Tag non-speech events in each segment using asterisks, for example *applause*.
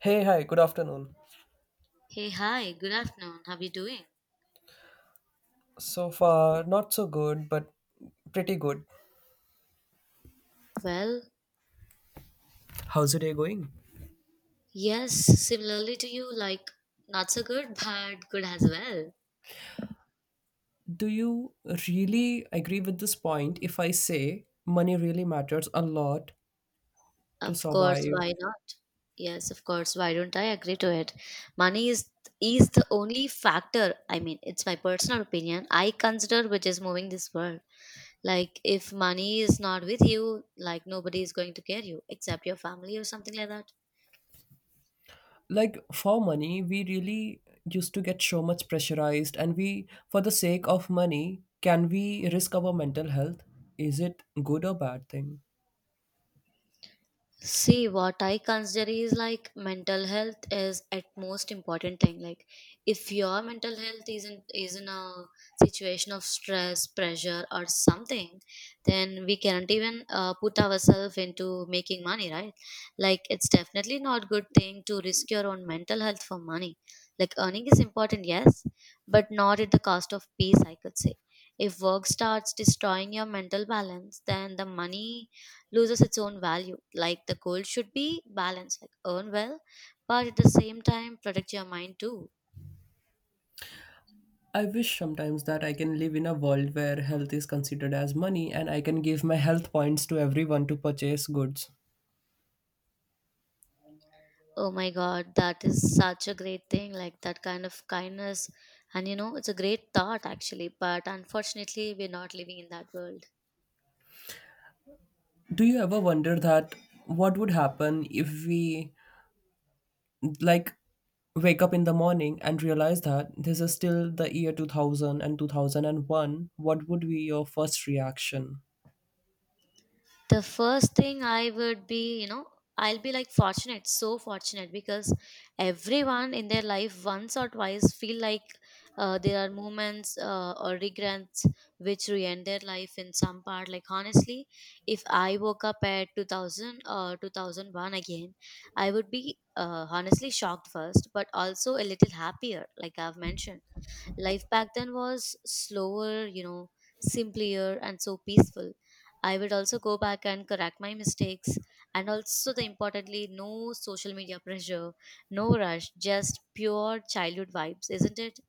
Hey, hi, good afternoon. Hey, hi, good afternoon. How are you doing? So far, not so good, but pretty good. Well, How's your day going? yes, similarly to you, like not so good, *laughs* but good as well. Do you really agree with this point if I say money really matters a lot to Of course, survive? why not? Yes, of course, why don't I agree to it? Money is the only factor, I mean, it's my personal opinion, I consider which is moving this world. Like if money is not with you, like nobody is going to care you except your family or something like that. Like, for money, we really used to get so much pressurized, and we, for the sake of money, can we risk our mental health? Is it good or bad thing? See, what I consider is like mental health is at most important thing. Like, if your mental health is not is in a situation of stress, pressure, or something, then we cannot even put ourselves into making money, right? Like, it's definitely not good thing to risk your own mental health for money. Like, earning is important, yes, but not at the cost of peace. I could say, if work starts destroying your mental balance, then the money loses its own value. Like the goal should be balanced, like earn well, but at the same time protect your mind too. I wish sometimes that I can live in a world where health is considered as money and I can give my health points to everyone to purchase goods. Oh my god, that is such a great thing, like that kind of kindness. And you know, it's a great thought actually, but unfortunately, we're not living in that world. Do you ever wonder that what would happen if we like wake up in the morning and realize that this is still the year two thousand and one? What would be your first reaction? The first thing I would be, you know, I'll be like fortunate, so fortunate because everyone in their life once or twice feel like there are moments or regrets which ruin their life in some part. Like honestly, if I woke up at 2000 or 2001 again, I would be honestly shocked first, but also a little happier, like I've mentioned life back then was slower, you know, simpler and so peaceful. I would also go back and correct my mistakes. And also, the importantly, no social media pressure, no rush, just pure childhood vibes, isn't it?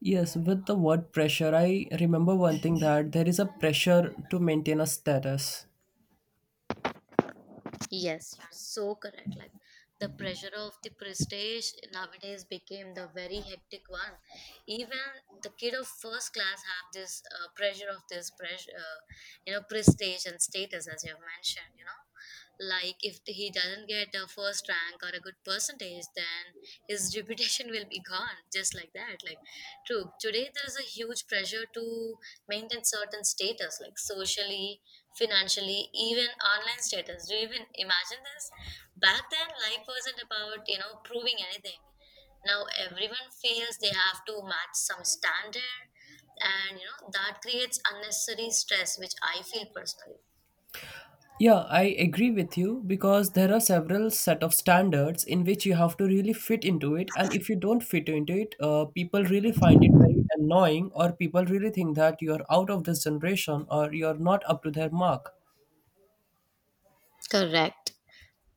Yes, with the word pressure, I remember one thing that there is a pressure to maintain a status. Yes, you're so correct. Like the pressure of the prestige nowadays became the very hectic one. Even the kid of first class have this pressure of this pressure, you know, prestige and status, as you have mentioned. You know, like if he doesn't get a first rank or a good percentage, then his *laughs* reputation will be gone, just like that. Like, true. Today there is a huge pressure to maintain certain status, like socially, financially, even online status. Do you even imagine this? Back then, life wasn't about, you know, proving anything. Now everyone feels they have to match some standard, and, you know, that creates unnecessary stress, which I feel personally. Yeah, I agree with you because there are several set of standards in which you have to really fit into it, and if you don't fit into it, people really find it very annoying, or people really think that you are out of this generation or you are not up to their mark. Correct.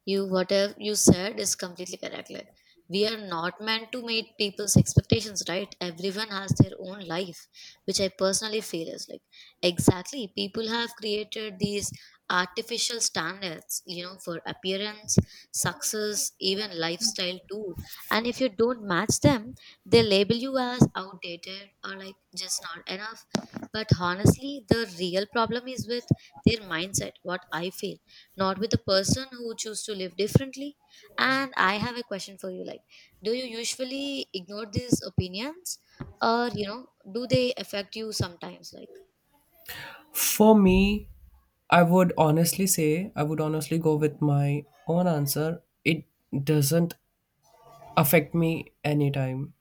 You whatever you said is completely correct. Like, we are not meant to meet people's expectations, right? Everyone has their own life, which I personally feel is like exactly people have created these artificial standards, you know, for appearance, success, even lifestyle too. And if you don't match them, they label you as outdated or like just not enough. But honestly, the real problem is with their mindset, what I feel, not with a person who choose to live differently. And I have a question for you. Like, do you usually ignore these opinions, or, you know, do they affect you sometimes? Like, For me, I would honestly say I would honestly go with my own answer. It doesn't affect me anytime.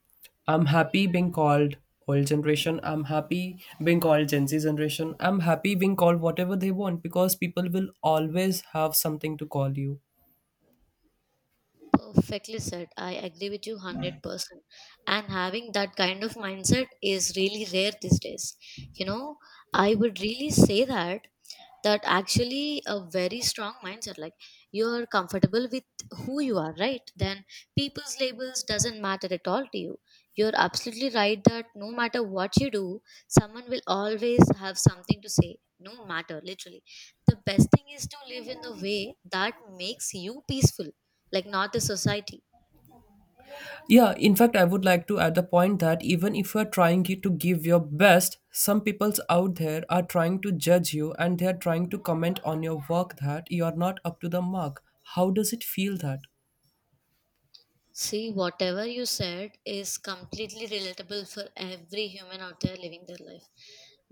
I'm happy being called old generation. I'm happy being called Gen Z generation. I'm happy being called whatever they want because people will always have something to call you. perfectly said, I agree with you 100%. And having that kind of mindset is really rare these days, you know. I would really say that that actually a very strong mindset. Like, you're comfortable with who you are, right? Then people's labels doesn't matter at all to you. You're absolutely right that no matter what you do, someone will always have something to say, no matter literally. The best thing is to live in the way that makes you peaceful, like not the society. Yeah, in fact, I would like to add the point that even if you're trying to give your best, some people's out there are trying to judge you and they're trying to comment on your work that you're not up to the mark. How does it feel that? See, whatever you said is completely relatable for every human out there living their life.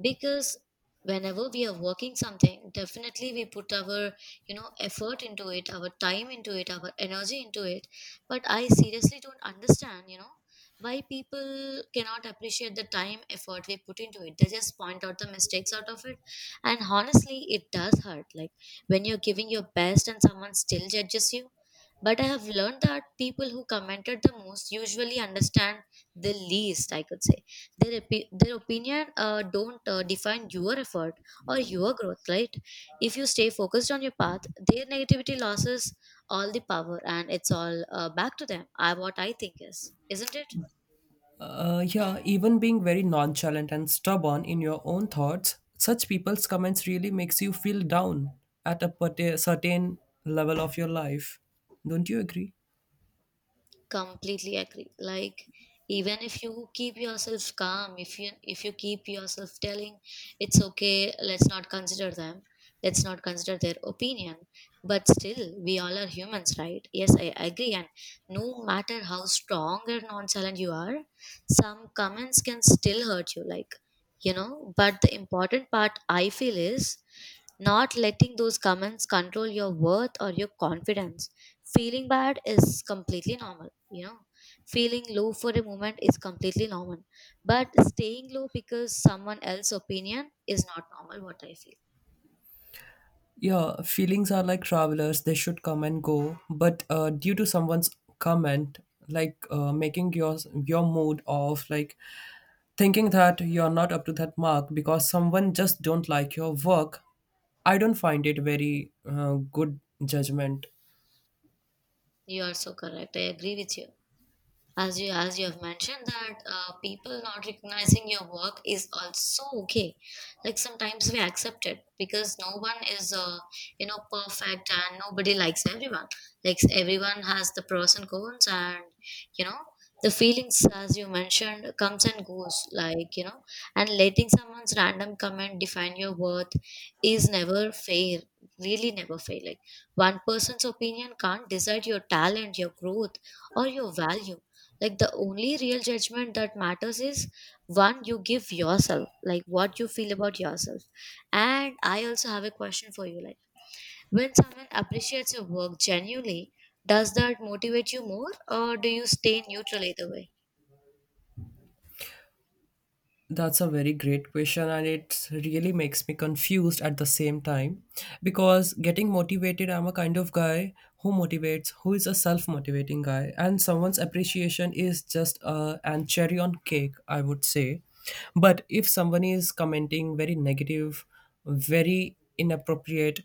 Because whenever we are working something, definitely we put our, you know, effort into it, our time into it, our energy into it. But I seriously don't understand, you know, why people cannot appreciate the time effort we put into it. They just point out the mistakes out of it. And honestly, it does hurt. Like when you're giving your best and someone still judges you, but I have learned that people who commented the most usually understand the least, I could say. Their opinion don't define your effort or your growth, right? If you stay focused on your path, their negativity loses all the power and it's all, back to them, I, what I think is. Isn't it? Yeah, even being very nonchalant and stubborn in your own thoughts, such people's comments really makes you feel down at a certain level of your life. Don't you agree? Completely agree. Like, even if you keep yourself calm, if you keep yourself telling it's okay, let's not consider them, let's not consider their opinion, but still we all are humans, right? Yes, I agree. And no matter how strong or nonchalant you are, some comments can still hurt you. Like, you know, but the important part I feel is not letting those comments control your worth or your confidence. Feeling bad is completely normal. Yeah, feeling low for a moment is completely normal, but staying low because someone else's opinion is not normal, what I feel. Yeah, feelings are like travelers, they should come and go. But due to someone's comment, like making your mood off, like thinking that you're not up to that mark because someone just don't like your work, I don't find it very good judgment. You are so correct. I agree with you. As you have mentioned that people not recognizing your work is also okay. Like, sometimes we accept it because no one is, you know, perfect and nobody likes everyone. Like, everyone has the pros and cons and, you know, the feelings, as you mentioned, comes and goes, like, you know. And letting someone's random comment define your worth is never fair, really never fair. Like, one person's opinion can't decide your talent, your growth, or your value. Like, the only real judgment that matters is one you give yourself, like what you feel about yourself. And I also have a question for you. Like, when someone appreciates your work genuinely, does that motivate you more, or do you stay neutral either way? That's a very great question, and it really makes me confused at the same time because getting motivated, I'm a kind of guy who motivates, who is a self motivating guy, and someone's appreciation is just a and cherry on cake, I would say. But if someone is commenting very negative, very inappropriate,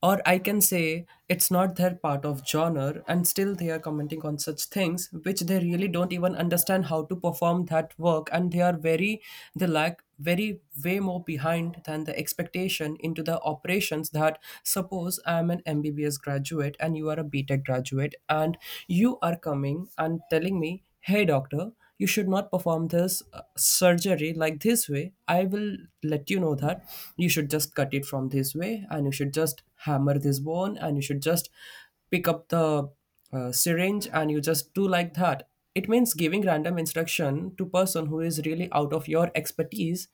or I can say it's not their part of genre and still they are commenting on such things which they really don't even understand how to perform that work and they are very they lack very way more behind than the expectation into the operations that suppose I'm an MBBS graduate and you are a B Tech graduate and you are coming and telling me, hey, doctor, you should not perform this surgery like this way. I will let you know that you should just cut it from this way and you should just hammer this bone and you should just pick up the syringe and you just do like that. It means giving random instruction to person who is really out of your expertise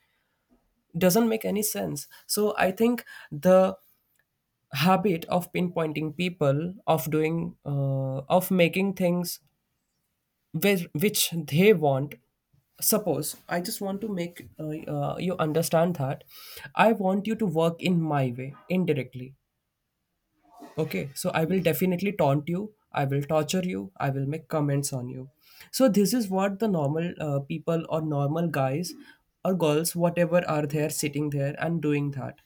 doesn't make any sense. So I think the habit of pinpointing people of doing of making things where, which they want. Suppose I just want to make you understand that I want you to work in my way indirectly. Okay, so I will definitely taunt you, I will torture you, I will make comments on you. So this is what the normal people or normal guys or girls whatever are there sitting there and doing that.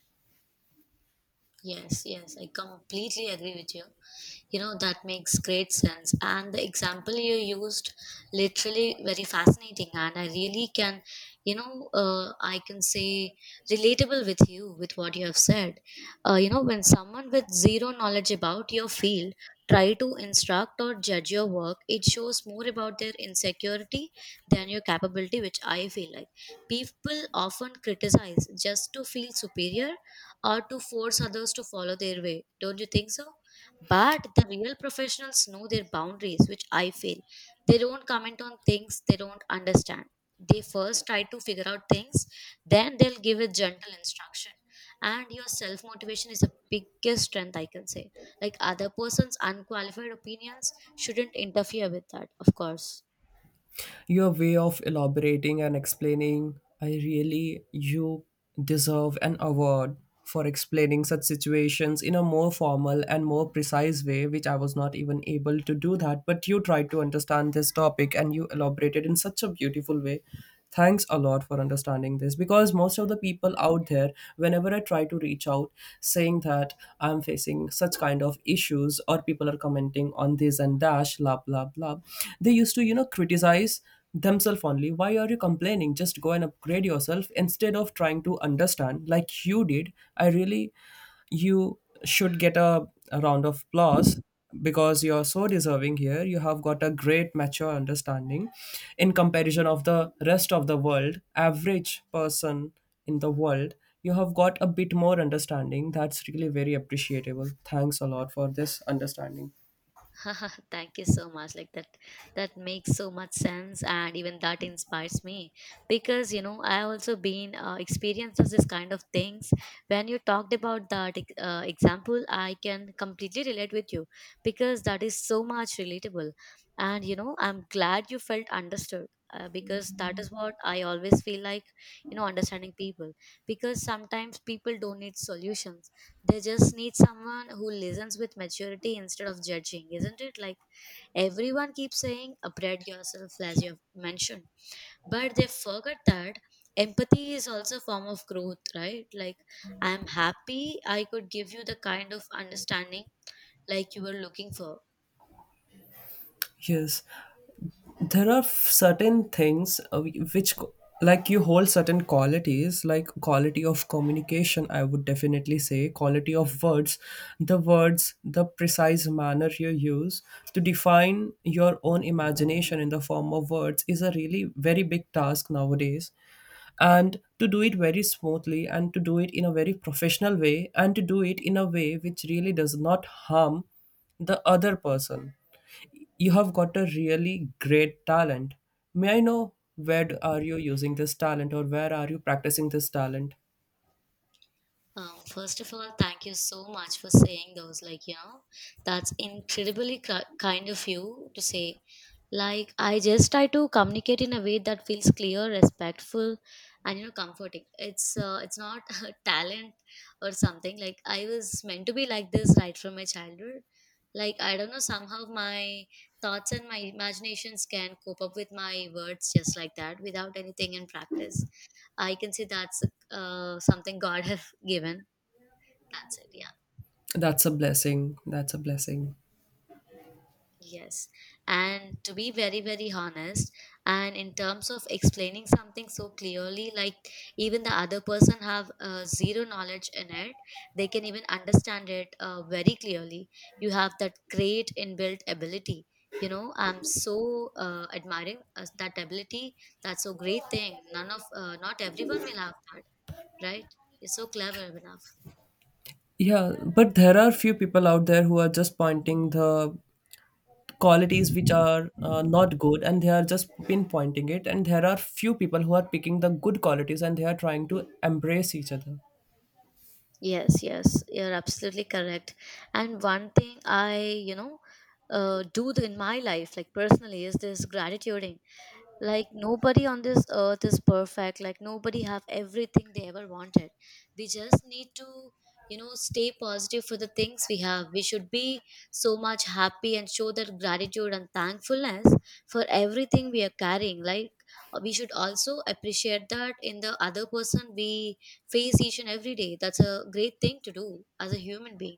Yes, yes, I completely agree with you. You know, that makes great sense, and the example you used literally very fascinating, and I really can, you know, I can say relatable with you with what you have said. You know, when someone with zero knowledge about your field try to instruct or judge your work, it shows more about their insecurity than your capability, which I feel. Like, people often criticize just to feel superior or to force others to follow their way, don't you think so? But the real professionals know their boundaries, which I feel. They don't comment on things they don't understand. They first try to figure out things, then they'll give a gentle instruction. And your self motivation is the biggest strength, I can say. Like, other person's unqualified opinions shouldn't interfere with that, of course. Your way of elaborating and explaining, I really, you deserve an award for explaining such situations in a more formal and more precise way, which I was not even able to do that. But you tried to understand this topic and you elaborated in such a beautiful way. Thanks a lot for understanding this because most of the people out there, whenever I try to reach out saying that I'm facing such kind of issues or people are commenting on this and dash, blah, blah, blah, they used to, you know, criticize themselves only. Why are you complaining? Just go and upgrade yourself instead of trying to understand like you did. I really you should get a round of applause because you're so deserving here. You have got a great mature understanding in comparison of the rest of the world average person in the world. You have got a bit more understanding. That's really very appreciable. Thanks a lot for this understanding. *laughs* Thank you so much. Like that, that makes so much sense, and even that inspires me because you know I also been experienced this kind of things. When you talked about that example, I can completely relate with you because that is so much relatable, and you know I'm glad you felt understood. Because that is what I always feel like, you know, understanding people. Because sometimes people don't need solutions, they just need someone who listens with maturity instead of judging, isn't it? Like, everyone keeps saying upgrade yourself, as you have mentioned, but they forget that empathy is also a form of growth, right? Like, I'm happy I could give you the kind of understanding like you were looking for. Yes, there are certain things like you hold certain qualities like quality of communication. I would definitely say quality of words, the words, the precise manner you use to define your own imagination in the form of words is a really very big task nowadays, and to do it very smoothly and to do it in a very professional way and to do it in a way which really does not harm the other person. You have got a really great talent. May I know where are you using this talent or where are you practicing this talent? First of all, thank you so much for saying those. Like, you know, that's incredibly kind of you to say. Like, I just try to communicate in a way that feels clear, respectful, and you know, comforting. It's not *laughs* a talent or something. Like, I was meant to be like this right from my childhood. Like, I don't know. Somehow, my thoughts and my imaginations can cope up with my words just like that without anything in practice. I can say that's, something God *laughs* have given, that's it, yeah. That's a blessing, that's a blessing. Yes. And to be very, very honest, and in terms of explaining something so clearly, like even the other person have zero knowledge in it, they can even understand it very clearly. You have that great inbuilt ability. You know, I'm so admiring that ability. That's a great thing. None of, not everyone will have that, right? You're so clever, Abhinav. Yeah, but there are few people out there who are just pointing the qualities which are not good and they are just pinpointing it, and there are few people who are picking the good qualities and they are trying to embrace each other. Yes, yes, you're absolutely correct. And one thing I do in my life, like personally, is this gratitude. Like nobody on this earth is perfect, like nobody have everything they ever wanted. We just need to, you know, stay positive for the things we have. We should be so much happy and show that gratitude and thankfulness for everything we are carrying. Like we should also appreciate that in the other person we face each and every day. That's a great thing to do as a human being.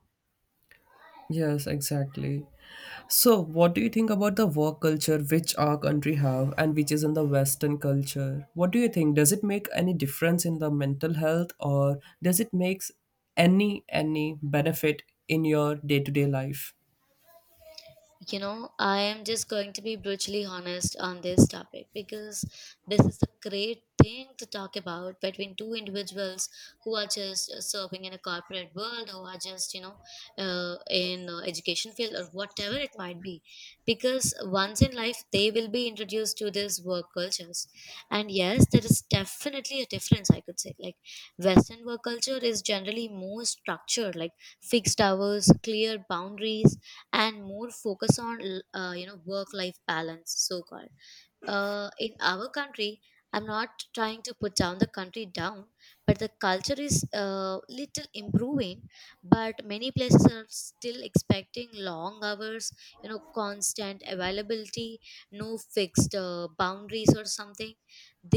Yes, exactly. So what do you think about the work culture which our country have and which is in the western culture? What do you think, does it make any difference in the mental health or does it makes any benefit in your day-to-day life? You know, I am just going to be brutally honest on this topic, because this is a great thing to talk about between two individuals who are just serving in a corporate world, who are just, you know, in education field or whatever it might be. Because once in life, they will be introduced to this work cultures. And yes, there is definitely a difference, I could say. Like, Western work culture is generally more structured, like fixed hours, clear boundaries and more focus on you know, work life balance, so called. In our country, I'm not trying to put down the country down, but the culture is little improving, but many places are still expecting long hours, you know, constant availability, no fixed boundaries or something.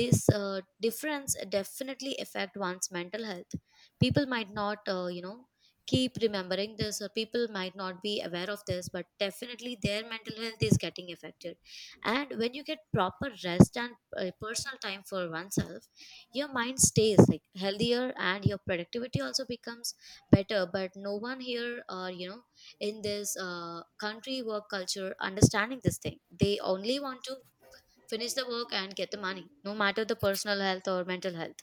This difference definitely affect one's mental health. People might not, keep remembering this, or people might not be aware of this, but definitely their mental health is getting affected. And when you get proper rest and personal time for oneself, your mind stays like healthier and your productivity also becomes better. But no one here, or you know, in this country work culture, understanding this thing, they only want to finish the work and get the money, no matter the personal health or mental health.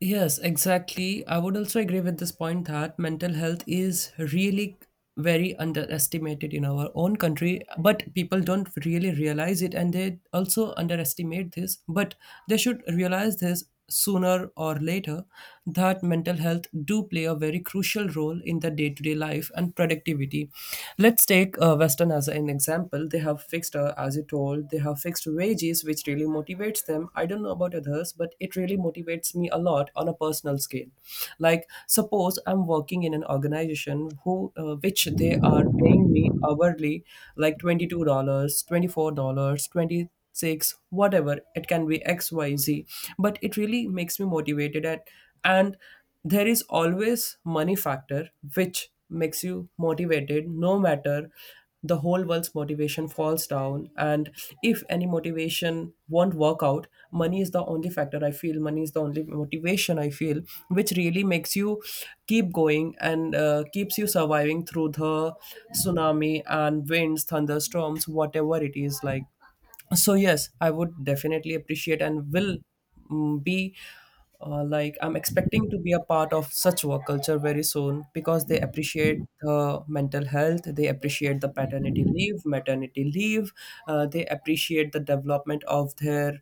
Yes, exactly. I would also agree with this point that mental health is really very underestimated in our own country, but people don't really realize it and they also underestimate this. But they should realize this sooner or later that mental health do play a very crucial role in the day-to-day life and productivity. Let's take western as an example. They have fixed as you told, they have fixed wages, which really motivates them. I don't know about others, but it really motivates me a lot on a personal scale. Like, suppose I'm working in an organization who, which they are paying me hourly, like $22, $24, 26, whatever it can be, xyz, but it really makes me motivated at. And there is always money factor which makes you motivated no matter the whole world's motivation falls down, and if any motivation won't work out, money is the only factor I feel, money is the only motivation I feel, which really makes you keep going and keeps you surviving through the tsunami and winds, thunderstorms, whatever it is. Like, so yes, I would definitely appreciate and will be like I'm expecting to be a part of such work culture very soon because they appreciate mental health, they appreciate the paternity leave, maternity leave, they appreciate the development of their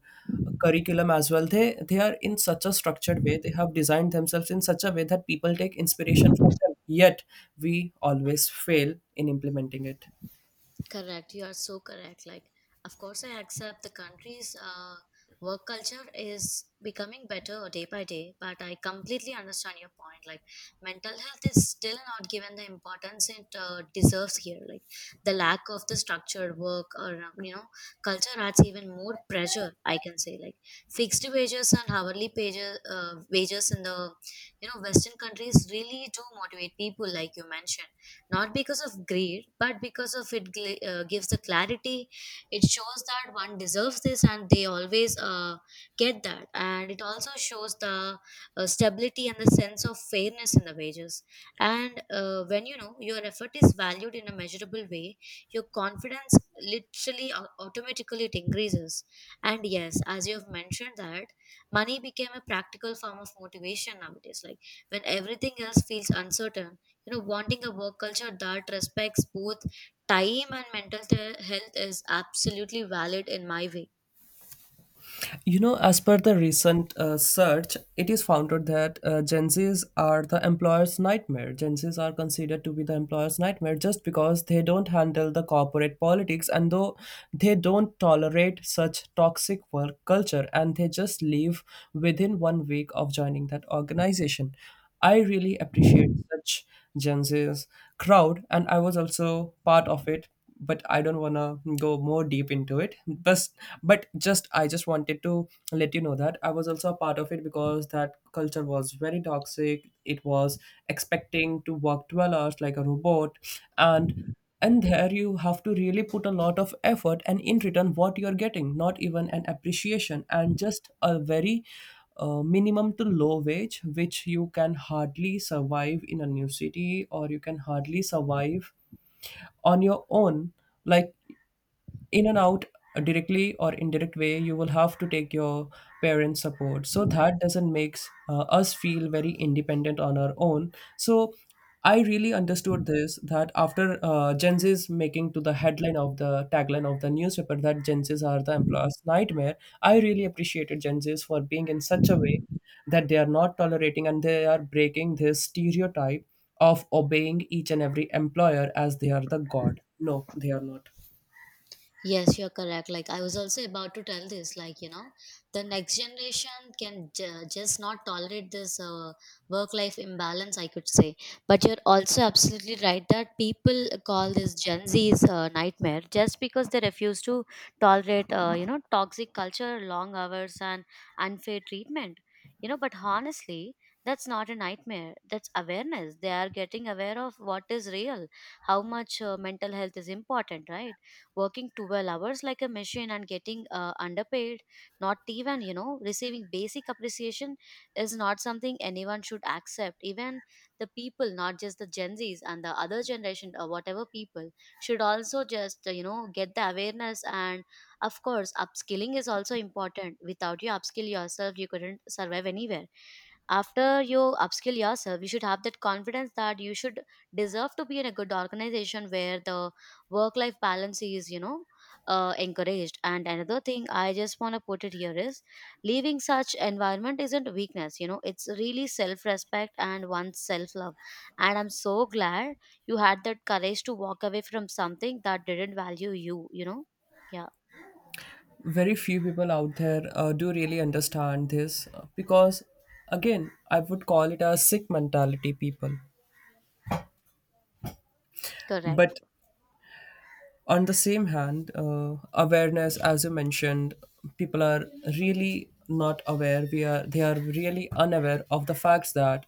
curriculum as well. They are in such a structured way, they have designed themselves in such a way that people take inspiration from them, yet we always fail in implementing it. Correct. You are so correct. Like, of course, I accept the country's work culture is becoming better day by day, but I completely understand your point. Like, mental health is still not given the importance it deserves here. Like, the lack of the structured work or, you know, culture adds even more pressure, I can say. Like, fixed wages and hourly wages in the, you know, Western countries really do motivate people, like you mentioned. Not because of greed, but because of it gives the clarity. It shows that one deserves this and they always get that. And it also shows the stability and the sense of fairness in the wages. And when you know your effort is valued in a measurable way, your confidence literally automatically it increases. And yes, as you have mentioned that money became a practical form of motivation nowadays. Like when everything else feels uncertain, you know, wanting a work culture that respects both time and mental health is absolutely valid in my way. You know, as per the recent search, it is found out that Gen Zs are the employer's nightmare. Gen Zs are considered to be the employer's nightmare just because they don't handle the corporate politics and though they don't tolerate such toxic work culture and they just leave within 1 week of joining that organization. I really appreciate such Gen Z's crowd and I was also part of it, but I don't want to go more deep into it. But just I just wanted to let you know that I was also a part of it because that culture was very toxic. It was expecting to work 12 hours like a robot, and and there you have to really put a lot of effort, and in return what you're getting, not even an appreciation, and just a very minimum to low wage which you can hardly survive in a new city, or you can hardly survive on your own, like in and out. Directly or indirect way, you will have to take your parents support, so that doesn't makes us feel very independent on our own. So I really understood this, that after Gen Z is making to the headline of the tagline of the newspaper that Gen Z's are the employer's nightmare, I really appreciated Gen Z's for being in such a way that they are not tolerating and they are breaking this stereotype of obeying each and every employer as they are the god. No, they are not. Yes, you're correct. Like, I was also about to tell this, like, you know, the next generation can just not tolerate this work life imbalance, I could say. But you're also absolutely right that people call this Gen Z's nightmare just because they refuse to tolerate, you know, toxic culture, long hours, and unfair treatment. You know, but honestly, that's not a nightmare. That's awareness. They are getting aware of what is real, how much mental health is important, right? Working 12 hours like a machine and getting underpaid, not even, you know, receiving basic appreciation, is not something anyone should accept. Even the people, not just the Gen Zs and the other generation or whatever people, should also just, you know, get the awareness. And of course, upskilling is also important. Without you upskill yourself, you couldn't survive anywhere. After you upskill yourself, you should have that confidence that you should deserve to be in a good organization where the work life balance is, you know, encouraged. And another thing I just want to put it here is, leaving such environment isn't weakness, you know, it's really self respect and one's self love. And I'm so glad you had that courage to walk away from something that didn't value you, you know. Yeah, Very few people out there do really understand this, because, again, I would call it a sick mentality people. correct. But on the same hand, awareness, as you mentioned, people are really not aware. We are They are really unaware of the facts that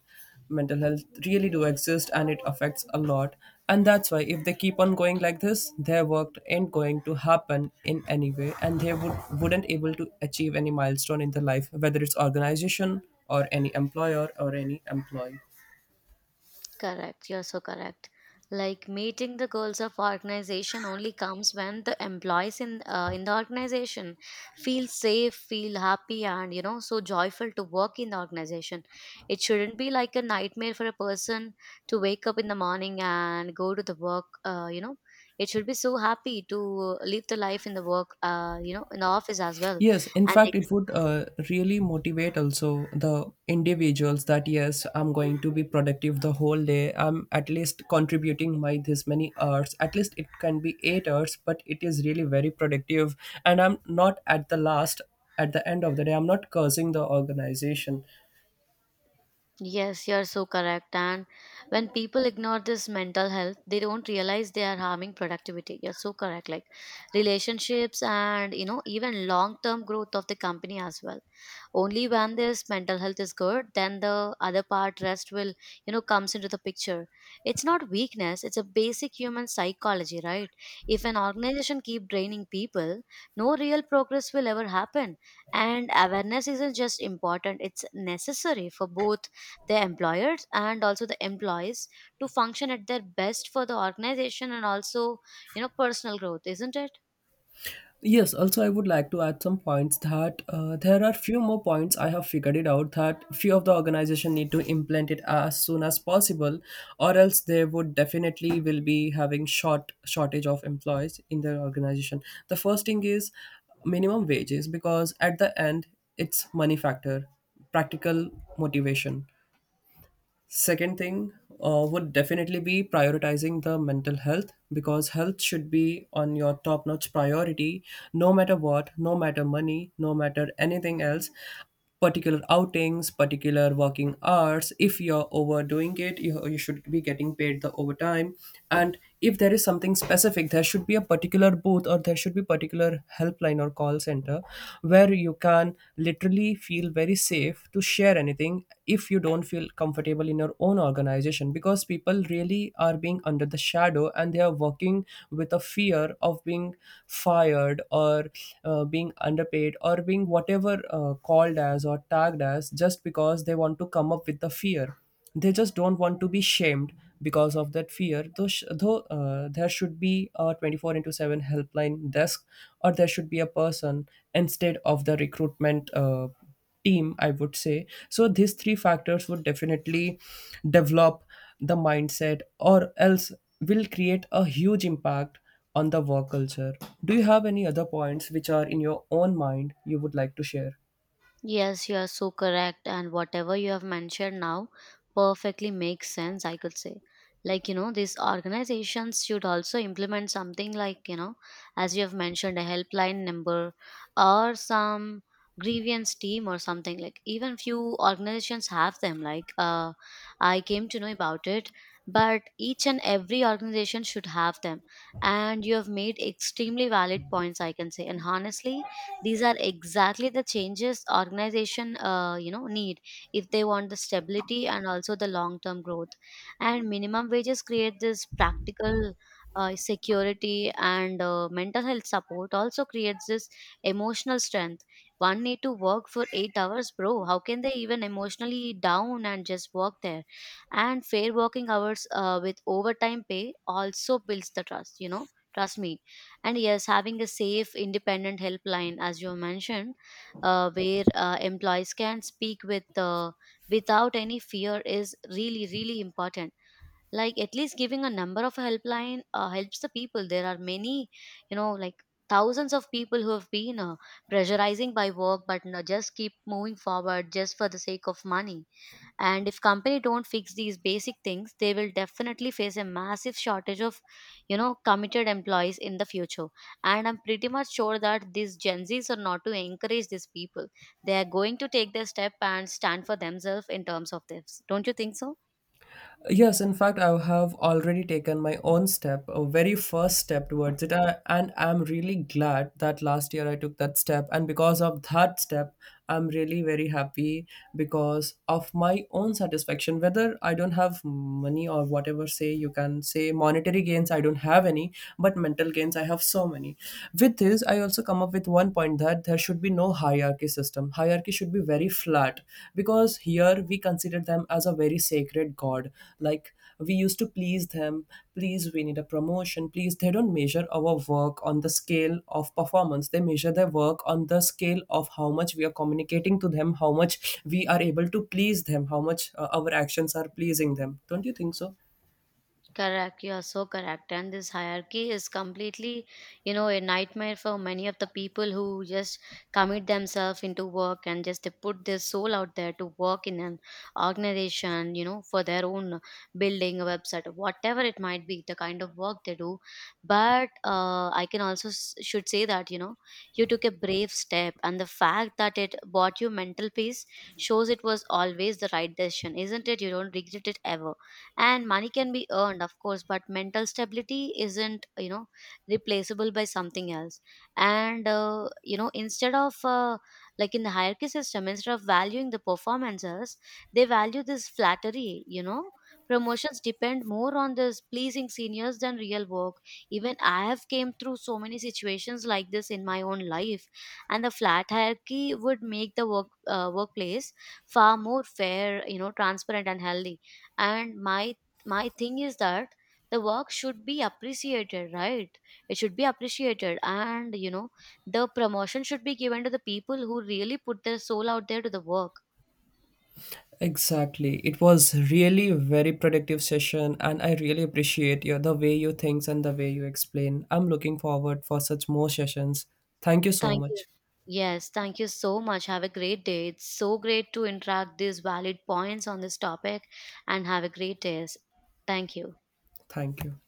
mental health really do exist and it affects a lot. And that's why if they keep on going like this, their work ain't going to happen in any way, and they wouldn't able to achieve any milestone in their life, whether it's organization or any employer or any employee. Correct, you're so correct. Like meeting the goals of organization only comes when the employees in the organization feel safe, feel happy, and you know, so joyful to work in the organization. It shouldn't be like a nightmare for a person to wake up in the morning and go to the work. You know, it should be so happy to live the life in the work. You know, in the office as well, Yes, in and fact, it would really motivate also the individuals that yes, I'm going to be productive the whole day. I'm at least contributing my this many hours. At least it can be 8 hours, but it is really very productive. And I'm not at the last, at the end of the day, I'm not cursing the organization. yes, you're so correct. And when people ignore this mental health, they don't realize they are harming productivity. You're so correct. Like relationships and, you know, even long term growth of the company as well. Only when this mental health is good, then the other part rest will, you know, comes into the picture. It's not weakness, it's a basic human psychology, right? If an organization keep draining people, no real progress will ever happen. And awareness isn't just important, it's necessary for both the employers and also the employees, to function at their best for the organization and also, you know, personal growth, isn't it? Yes, also I would like to add some points that there are few more points I have figured it out that few of the organization need to implement it as soon as possible, or else they would definitely will be having shortage of employees in their organization. The first thing is minimum wages, because at the end it's money factor, practical motivation. Second thing, would definitely be prioritizing the mental health, because health should be on your top notch priority no matter what, no matter money, no matter anything else. Particular outings, particular working hours. If you're overdoing it, you should be getting paid the overtime. And if there is something specific, there should be a particular booth, or there should be particular helpline or call center where you can literally feel very safe to share anything if you don't feel comfortable in your own organization, because people really are being under the shadow and they are working with a fear of being fired, or being underpaid, or being whatever called as or tagged as, just because they want to come up with the fear, they just don't want to be shamed. Because of that fear though, though there should be a 24 into 7 helpline desk, or there should be a person instead of the recruitment team, I would say. So these three factors would definitely develop the mindset, or else will create a huge impact on the work culture. Do you have any other points which are in your own mind you would like to share? Yes, you are so correct. And whatever you have mentioned now perfectly makes sense, I could say. Like, you know, these organizations should also implement something like, you know, as you have mentioned, a helpline number or some grievance team or something. Like even few organizations have them, like uh, I came to know about it, but each and every organization should have them. And you have made extremely valid points, I can say. And honestly, these are exactly the changes organization you know need, if they want the stability and also the long term growth. And minimum wages create this practical security, and mental health support also creates this emotional strength. One need to work for 8 hours, bro. How can they even emotionally down and just work there? And fair working hours with overtime pay also builds the trust. You know, trust me. And yes, having a safe, independent helpline, as you mentioned, where employees can speak without any fear, is really, really important. Like at least giving a number of helpline helps the people. There are many, you know, like thousands of people who have been pressurizing by work, but no, just keep moving forward just for the sake of money. And if company don't fix these basic things, they will definitely face a massive shortage of, you know, committed employees in the future. And I'm pretty much sure that these Gen Z's are not to encourage these people. They are going to take their step and stand for themselves in terms of this, don't you think so? Yes, in fact, I have already taken my own step, a very first step towards it. I, and I'm really glad that last year I took that step. And because of that step, I'm really very happy because of my own satisfaction. Whether I don't have money or whatever, say you can say monetary gains, I don't have any, but mental gains, I have so many. With this, I also come up with one point that there should be no hierarchy system. Hierarchy should be very flat, because here we consider them as a very sacred god, like, we used to please them. Please, we need a promotion, please. They don't measure our work on the scale of performance, they measure their work on the scale of how much we are communicating to them, how much we are able to please them, how much our actions are pleasing them. Don't you think so? Correct. You are so correct. And this hierarchy is completely, you know, a nightmare for many of the people who just commit themselves into work, and just they put their soul out there to work in an organization, you know, for their own building, a website, or whatever it might be, the kind of work they do. But I can also should say that, you know, you took a brave step, and the fact that it bought you mental peace shows it was always the right decision, isn't it? You don't regret it ever. And money can be earned of course, but mental stability isn't, you know, replaceable by something else. And instead of, like in the hierarchy system, instead of valuing the performances, they value this flattery, you know. Promotions depend more on this pleasing seniors than real work. Even I have came through so many situations like this in my own life. And the flat hierarchy would make the workplace far more fair, you know, transparent and healthy. And my thing is that the work should be appreciated, right? It should be appreciated. And you know, the promotion should be given to the people who really put their soul out there to the work. Exactly. It was really a very productive session and I really appreciate your the way you think and the way you explain. I'm looking forward for such more sessions. Thank you so Thank you. much. Yes, thank you so much, have a great day. It's so great to interact these valid points on this topic. And have a great day. Thank you. Thank you.